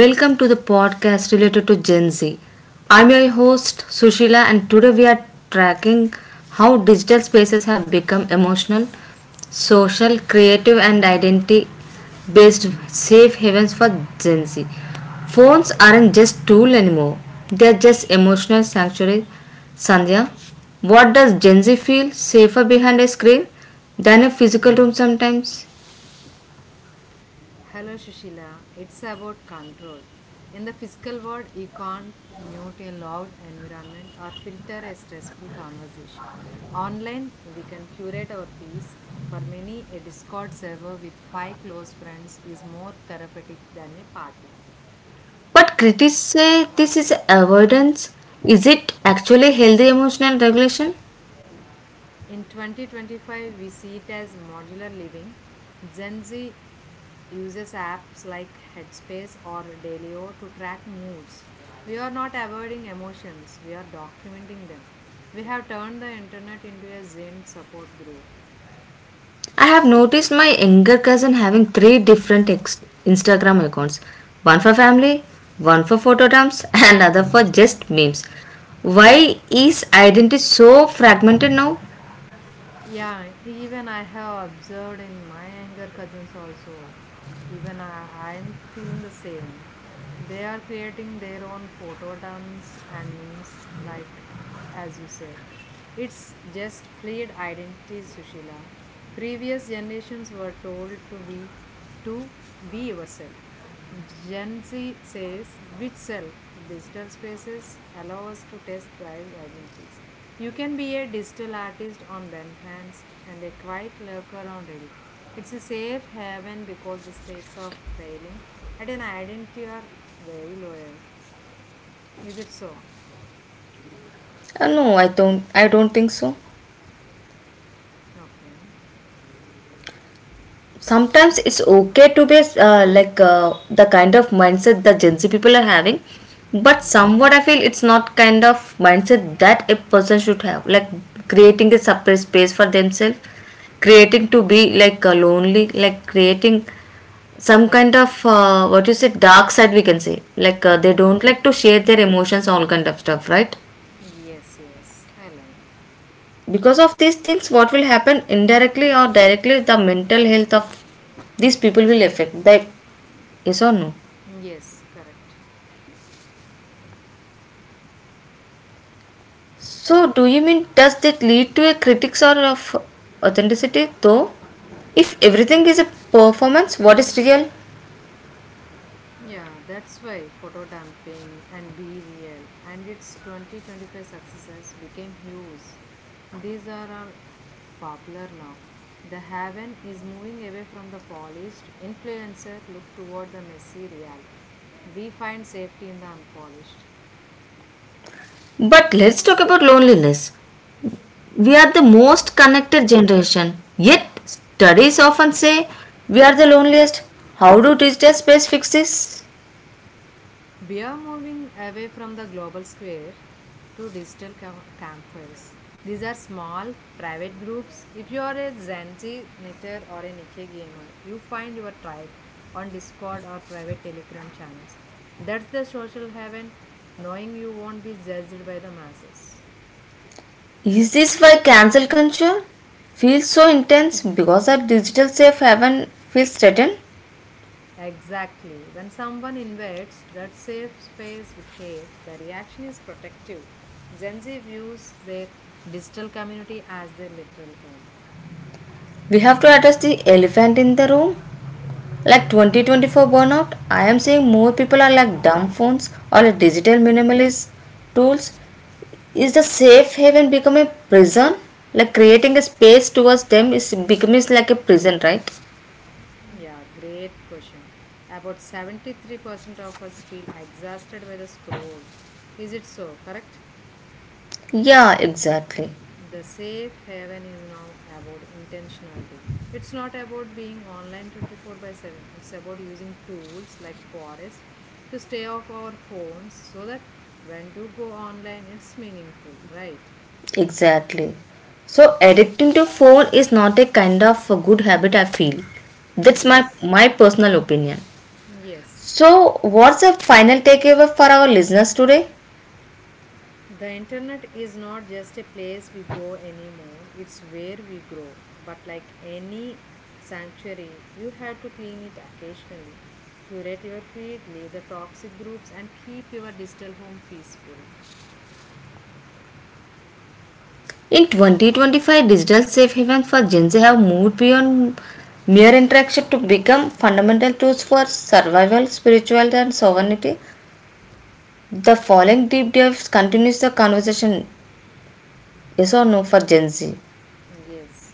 Welcome to the podcast related to Gen Z. I'm your host Sushila, and today we are tracking how digital spaces have become emotional, social, creative, and identity based safe havens for Gen Z. Phones aren't just tool anymore, they're just emotional sanctuary. Sandhya, what does Gen Z feel safer behind a screen than a physical room sometimes? Hello, Shushila. It's about control. In the physical world, you can't mute a loud environment or filter a stressful conversation. Online, we can curate our peace. For many, a Discord server with five close friends is more therapeutic than a party. But critics say this is avoidance. Is it actually healthy emotional regulation? In 2025, we see it as modular living. Gen Z uses apps like Headspace or Dalio to track moods. We are not avoiding emotions, we are documenting them. We have turned the internet into a Zen support group. I have noticed my younger cousin having three different Instagram accounts, one for family, one for photo dumps, and another for just memes. Why is identity so fragmented now? Yeah, even I have observed in my younger cousins also. Even I'm feeling the same. They are creating their own photo dumps and memes, like as you said. It's just fluid identities, Sushila. Previous generations were told to be yourself. Gen Z says which self? Digital spaces allow us to test drives identities. You can be a digital artist on Behance and a quiet lurker on Reddit. It's a safe haven because the stakes of failing at an identity are very low. Is it so? No, I don't. I don't think so. Okay. Sometimes it's okay to be like the kind of mindset the gen z people are having, but Hmm. somewhat I feel it's not kind of mindset that a person should have, like creating a separate space for themselves, creating to be like lonely, like creating some kind of what you say dark side we can say, like they don't like to share their emotions, all kind of stuff, right? Yes, yes. Aligned. Because of these things, what will happen indirectly or directly, the mental health of these people will affect the— yes or no? Yes, correct. So, do you mean does that lead to a critics or of authenticity though? If everything is a performance, what is real? Yeah, that's why photo dumping and be real and its 2025 successors became huge. These are all popular now. The haven is moving away from the polished influencer look toward the messy reality. We find safety in the unpolished. But let's talk about loneliness. We are the most connected generation, yet studies often say we are the loneliest. How do digital space fix this? We are moving away from the global square to digital campfires. These are small, private groups. If you are a Gen Z knitter or a Nikkei gamer, you find your tribe on Discord or private Telegram channels. That's the social heaven, knowing you won't be judged by the masses. Is this why cancel culture feels so intense because our digital safe haven feels threatened? Exactly. When someone invades that safe space with hate, the reaction is protective. Gen Z views their digital community as their literal home. We have to address the elephant in the room. Like 2024 burnout, I am seeing more people are like dumb phones or like digital minimalist tools. Is the safe haven becoming prison? Like creating a space towards them is becoming like a prison, right? Yeah, great question. About 73% of us feel exhausted by the scroll. Is it so? Correct? Yeah, exactly. The safe haven is now about intentionality. It's not about being online 24/7. It's about using tools like Forest to stay off our phones so that when to go online it's meaningful, right? Exactly. So addicting to phone is not a kind of a good habit I feel. That's my Yes. my personal opinion. Yes. So what's the final takeaway for our listeners today? The internet is not just a place we go anymore, it's where we grow. But like any sanctuary, you have to clean it occasionally. Curate your feed, leave the toxic groups, and keep your digital home peaceful. In 2025, digital safe haven for Gen Z have moved beyond mere interaction to become fundamental tools for survival, spirituality, and sovereignty. The following deep dives continues the conversation, yes or no, for Gen Z. Yes.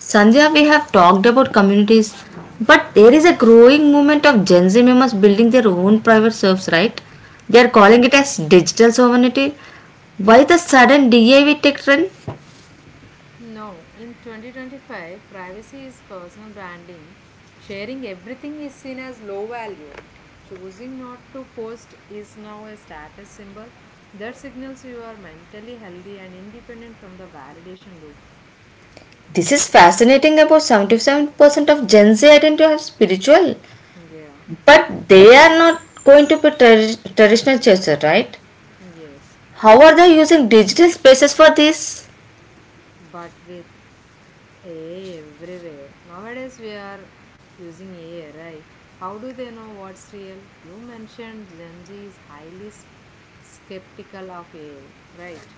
Sandhya, we have talked about communities, but there is a growing movement of Gen Z members building their own private serves, right? They are calling it as digital sovereignty. Why the sudden DIY tech trend? No, in 2025, privacy is personal branding. Sharing everything is seen as low value. Choosing not to post is now a status symbol that signals you are mentally healthy and independent from the validation loop. This is fascinating, about 77% of Gen Z identify as spiritual, Yeah, but they are not going to be traditional churches, right? yes. How are they using digital spaces for this? But with AI everywhere, nowadays we are using AI, right? How do they know what's real? You mentioned Gen Z is highly skeptical of AI, right?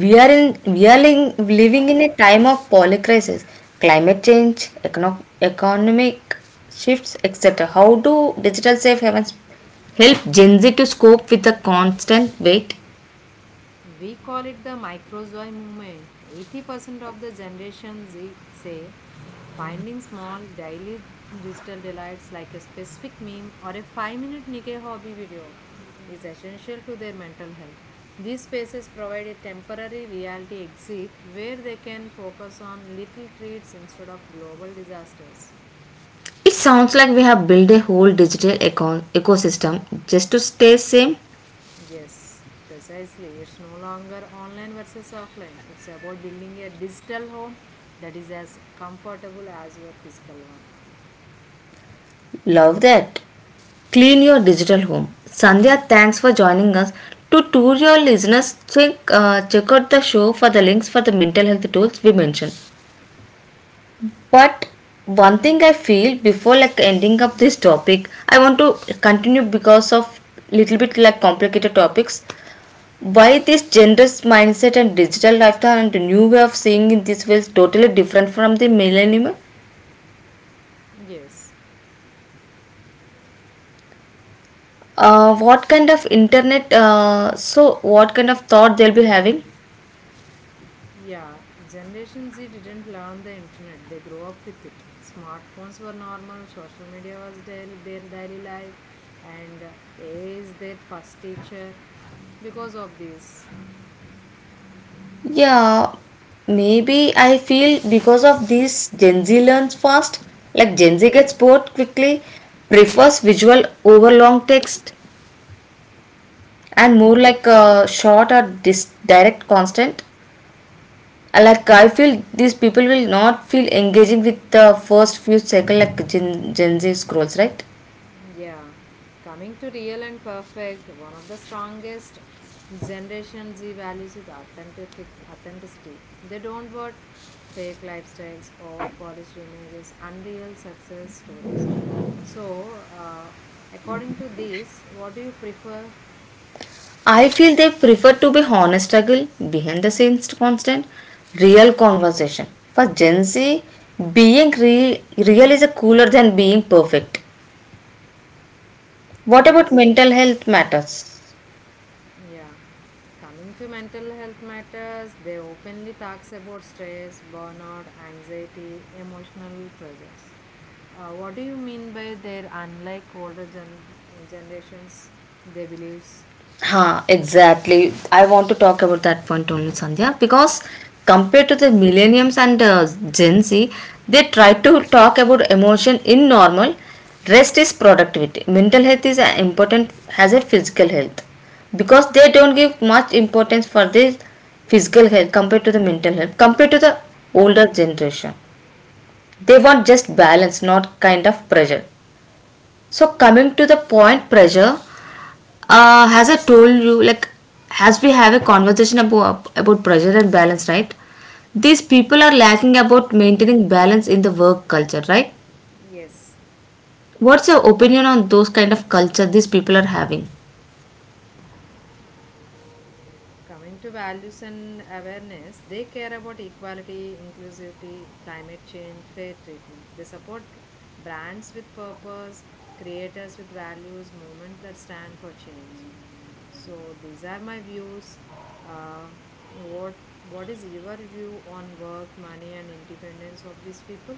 We are living in a time of polycrisis, climate change, economic shifts, etc. How do digital safe havens help Gen Z to cope with the constant weight? We call it the microzoy movement. 80% of the Generation Z say finding small daily digital delights like a specific meme or a 5-minute Nikkei hobby video is essential to their mental health. These spaces provide a temporary reality exit where they can focus on little treats instead of global disasters. It sounds like we have built a whole ecosystem just to stay same. Yes, precisely. It's no longer online versus offline. It's about building a digital home that is as comfortable as your physical one. Love that. Clean your digital home. Sandhya, thanks for joining us. To tour your listeners, check out the show for the links for the mental health tools we mentioned. But one thing I feel before like ending up this topic, I want to continue because of little bit like complicated topics. Why this gender's mindset and digital lifestyle and the new way of seeing in this way is totally different from the millennium? Yes. What kind of internet? So what kind of thought they'll be having? Yeah, Generation Z didn't learn the internet, they grew up with it. Smartphones were normal, social media was daily, their daily life, and AI is their first teacher. Because of this, Yeah, maybe I feel because of this, Gen Z learns fast. Like Gen Z gets bored quickly, prefers visual over long text, and more like a short or direct constant. Like I feel these people will not feel engaging with the first few seconds, like Gen Z scrolls, right? yeah, coming to real and perfect, one of the strongest Generation Z values is authenticity. They don't want fake lifestyles, over polished images, unreal success stories. So, according to this, what do you prefer? I feel they prefer to be honest struggle behind the scenes, constant real conversation. For Gen Z, being real is cooler than being perfect. What about Yeah. mental health matters? Yeah. Coming to mental health matters, they openly talks about stress, burnout, anxiety, emotional pressures. What do you mean by their unlike older generations, they believes? Huh, exactly. I want to talk about that point only, Sandhya, because compared to the millennials and Gen Z, they try to talk about emotion in normal. Rest is productivity. Mental health is as important as a physical health, because they don't give much importance for this physical health compared to the mental health compared to the older generation. They want just balance, not kind of pressure. So coming to the point pressure, as I told you, like as we have a conversation about pressure and balance, right? These people are lacking about maintaining balance in the work culture, right? Yes. What's your opinion on those kind of culture these people are having? Coming to values and awareness, they care about equality, inclusivity, climate change, fair treatment. They support brands with purpose, creators with values, movements that stand for change. So these are my views. Uh, what what is your view on work, money, and independence of these people?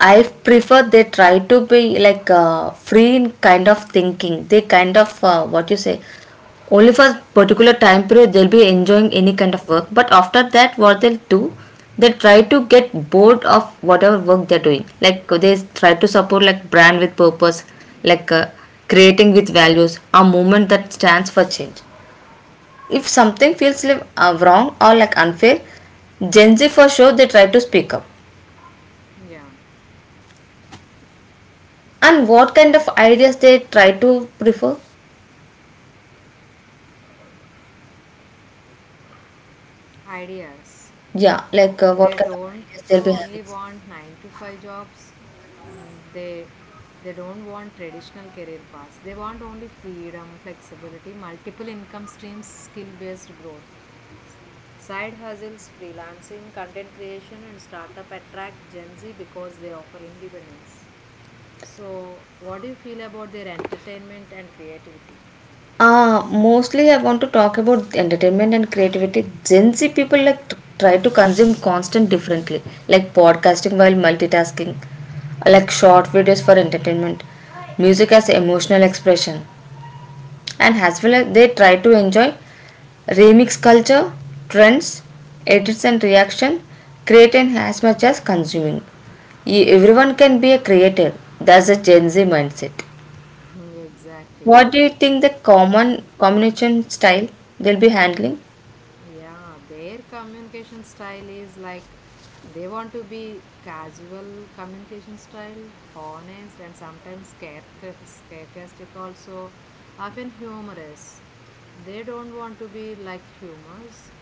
I prefer they try to be like free in kind of thinking. They kind of what you say, only for particular time period they'll be enjoying any kind of work. But after that, what they'll do, they try to get bored of whatever work they're doing. Like they try to support like brand with purpose, like creating with values, a movement that stands for change. If something feels like wrong or like unfair, Gen Z for sure they try to speak up. Yeah, And what kind of ideas they try to prefer? ideas. Yeah, like what They kind of don't ideas they'll be only having? want 9 to 5 jobs. Mm, they they don't want traditional career paths, they want only freedom, flexibility, multiple income streams, skill based growth, side hustles, freelancing, content creation, and startup attract gen z because they offer independence. So what do you feel about their entertainment and creativity? Mostly I want to talk about entertainment and creativity. Gen Z people like try to consume constant differently, like podcasting while multitasking, like short videos for entertainment, music as emotional expression, and as well as they try to enjoy remix culture, trends, edits and reaction, creating as much as consuming. Everyone can be a creator. That's a Gen Z mindset. Exactly. What do you think the common communication style they'll be handling? Yeah, their communication style is like they want to be casual communication style, honest, and sometimes sarcastic, also, often humorous. They don't want to be like humorous,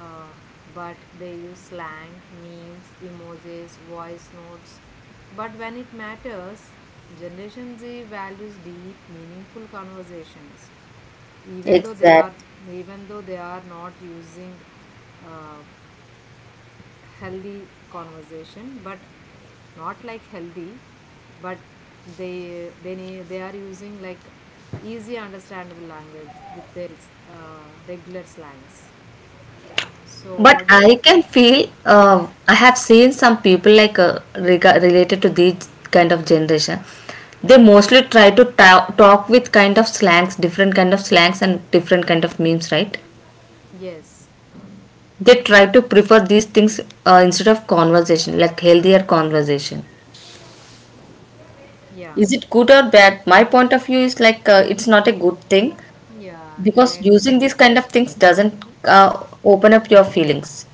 uh, but they use slang, memes, emojis, voice notes. But when it matters, Generation Z values deep, meaningful conversations, even though they are Exactly. even though they are not using uh, healthy conversation, but not like healthy, but they are using like easy understandable language with their regular slangs. So But what do you... I can feel I have seen some people like related to these kind of generation. They mostly try to talk with kind of slangs, different kind of slangs and different kind of memes, right? Yes, They try to prefer these things instead of conversation, like healthier conversation. yeah, Is it good or bad? My point of view is like it's not a good thing yeah, because aligned with using these you. kind of things doesn't open up your feelings.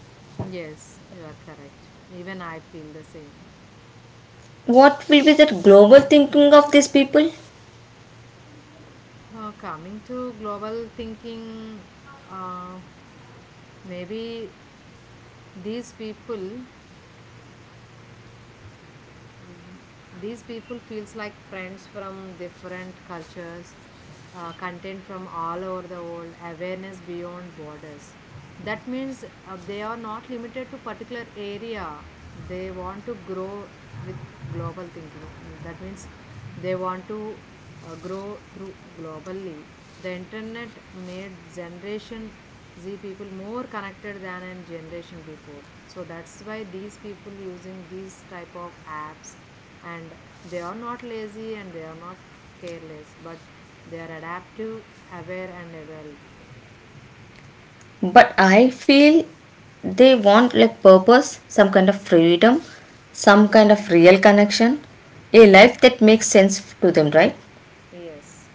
Yes, you are correct. Even I feel the same. What will be that global thinking of these people? Coming to global thinking, uh, maybe these people these people feels like friends from different cultures, content from all over the world, awareness beyond borders. That means they are not limited to particular area, they want to grow with global thinking. That means they want to grow through globally. The internet made generation z people more connected than in generation before, so that's why these people using these type of apps, and they are not lazy and they are not careless, but they are adaptive, aware, and evolve. But I feel they want like purpose, some kind of freedom, some kind of real connection, a life that makes sense to them, right? Yes,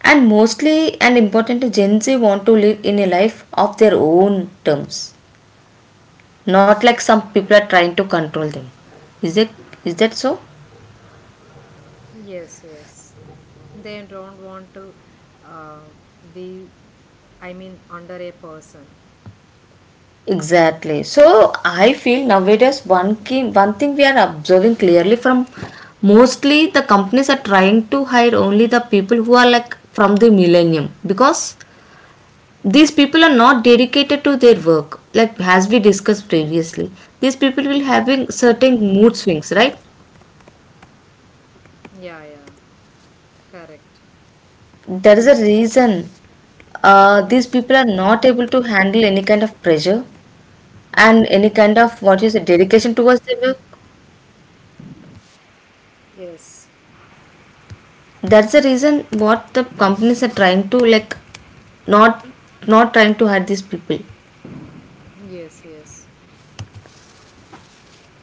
And mostly and important, Gen Z want to live in a life of their own terms, not like some people are trying to control them. Is it is that so? yes, yes. They don't want to uh, be, I mean, under a person. Exactly. So I feel nowadays one key, one thing we are observing clearly from mostly the companies are trying to hire only the people who are like from the millennium, because these people are not dedicated to their work. Like as we discussed previously, these people will having certain mood swings, right? Yeah, yeah, correct. There is a reason these people are not able to handle any kind of pressure and any Mm. kind of what you say dedication towards their work. Yes. That's the reason what the companies are trying to like, not not trying to hurt these people. Yes, yes.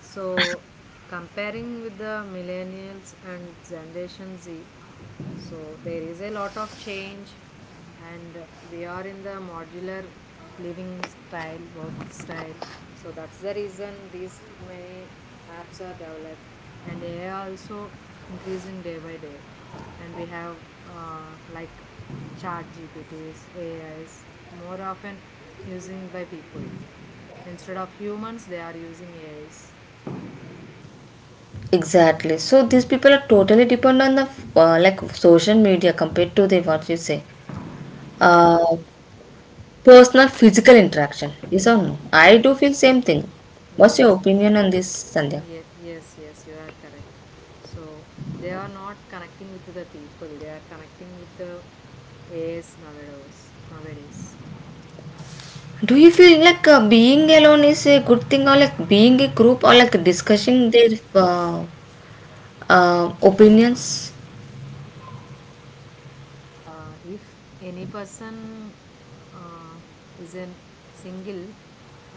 So, comparing with the millennials and Generation Z, so there is a lot of change, and we are in the modular living style, work style. So, that's the reason these many apps are developed, and AI also increasing day by day. And we have like chat GPTs, AIs, more often using by people instead of humans, they are using ais. Exactly. So these people are totally dependent on the like social media compared to the what you say Yeah, uh, personal physical interaction. Yes or no? I do feel same thing. What's your yes, yes, opinion on this, Sandhya? Yes, yes, you are correct. So they are not connecting with the people, they are connecting with the AS nowadays. Nowadays, Do you feel like being alone is a good thing, or like being a group, or like discussing their uh, opinions? If any person uh, is in single,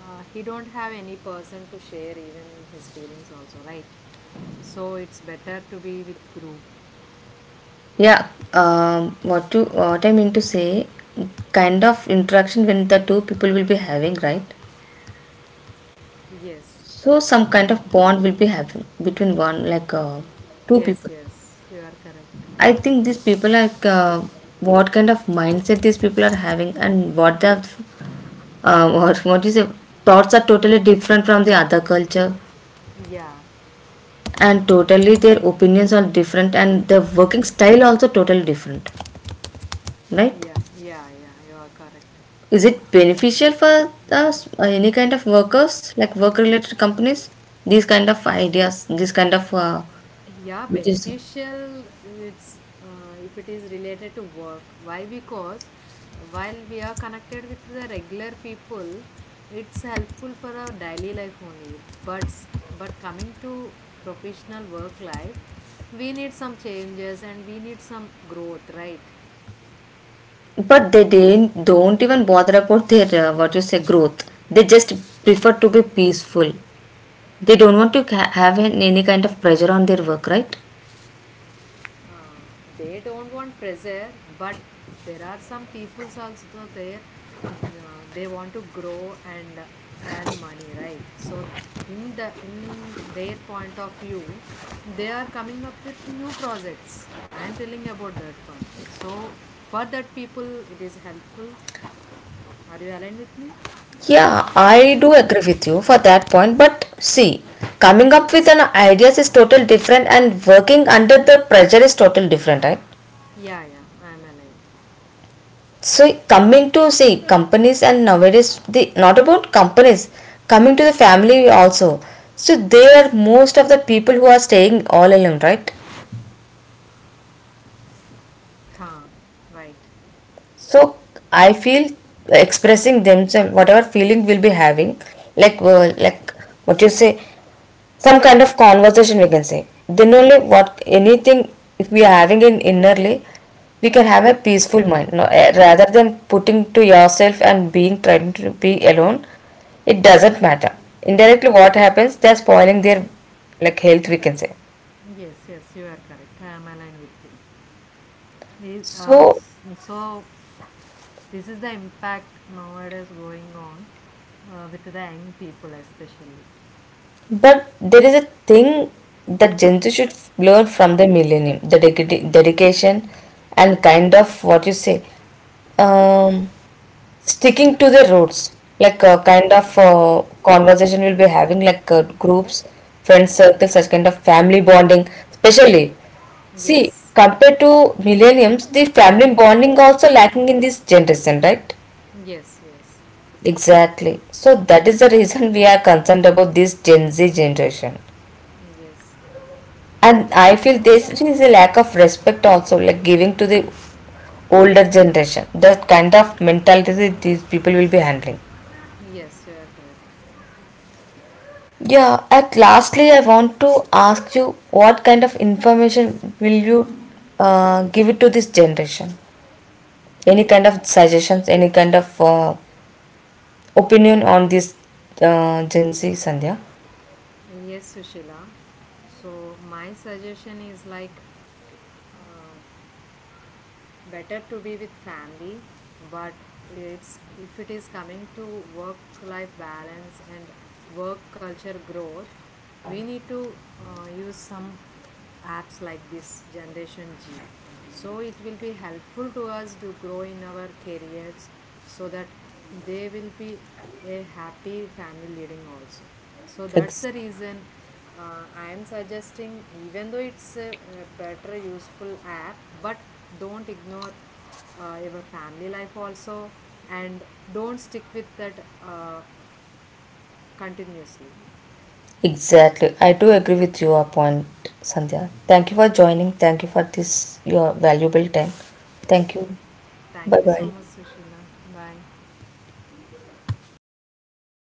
he don't have any person to share even his feelings also, right? So it's better to be with group. Yeah, what to what I mean to say, kind of interaction when the two people will be having, right? Yes, So some kind of bond will be having between one like two yes, people. yes, you are correct. I think these people like what kind of mindset these people are having, and what the what you say, thoughts are totally different from the other culture, Yeah, and totally their opinions are different and the working style also totally different, yeah, right? yeah, yeah, you are correct. Is it beneficial for us, any kind of workers like work related companies, these kind of ideas, these kind of Yeah, what you say? beneficial. It's, if it is related to work, why? Because while we are connected with the regular people it's helpful for our daily life only, but but coming to professional work life we need some changes and we need some growth, right? But they didn't, don't even bother about their what you say growth, they just prefer to be peaceful. They don't want to have any kind of pressure on their work, right? uh, they don't want pressure, but there are some peoples also there, uh, they want to grow and earn money, right? So in the in their point of view they are coming up with new projects, I am telling about that one. So for that people it is helpful. Are you aligned with me? Yeah, I do agree with you for that point. But see, coming up with an ideas is totally different, and working under the pressure is totally different, right? Yeah, yeah, I am aligned. So coming to see companies and nowadays the not about companies, coming to the family also. So they are most of the people who are staying all alone, right? Huh. Right. So I feel expressing themselves, whatever feeling will be having, like what you say, some kind of conversation we can say, then only what anything if we are having in innerly we can have a peaceful mind, no, eh, rather than putting to yourself and being trying to be alone, it doesn't matter, indirectly what happens they're spoiling their like health we can say. Yes, yes, you are correct. I am aligned with you. Is- uh, So s- so, this is the impact nowadays going on with the young people, especially. but there is a thing that Gen Z should learn from the millennium, the dedication and kind of what you say, um sticking to the roots, like kind of conversation we'll be having, like groups, friend circle, such kind of family bonding, especially. See, Yes, compared to millenniums, the family bonding also lacking in this generation, right? yes, yes, Exactly, so that is the reason we are concerned about this gen z generation, yes, and I feel this is a lack of respect also, like giving to the older generation, that kind of mentality these people will be handling. yes, you are correct. Yeah, at lastly, I want to ask you what kind of information will you give it to this generation? Any kind of suggestions, any kind of opinion on this Gen Z, Sandhya? Yes, Sushila. So, my suggestion is like, uh, better to be with family, but it's if it is coming to work life balance and work culture growth we need to use some apps like this generation g, so it will be helpful to us to grow in our careers so that they will be a happy family leading also. So that's Ex- the reason I am suggesting, even though it's a better useful app, but don't ignore your family life also, and don't stick with that continuously. exactly. I do agree with your point, Sandhya. Thank you for joining. Thank you for this, your valuable time. Thank you. Thank Bye you so bye. much, Sushila. Bye.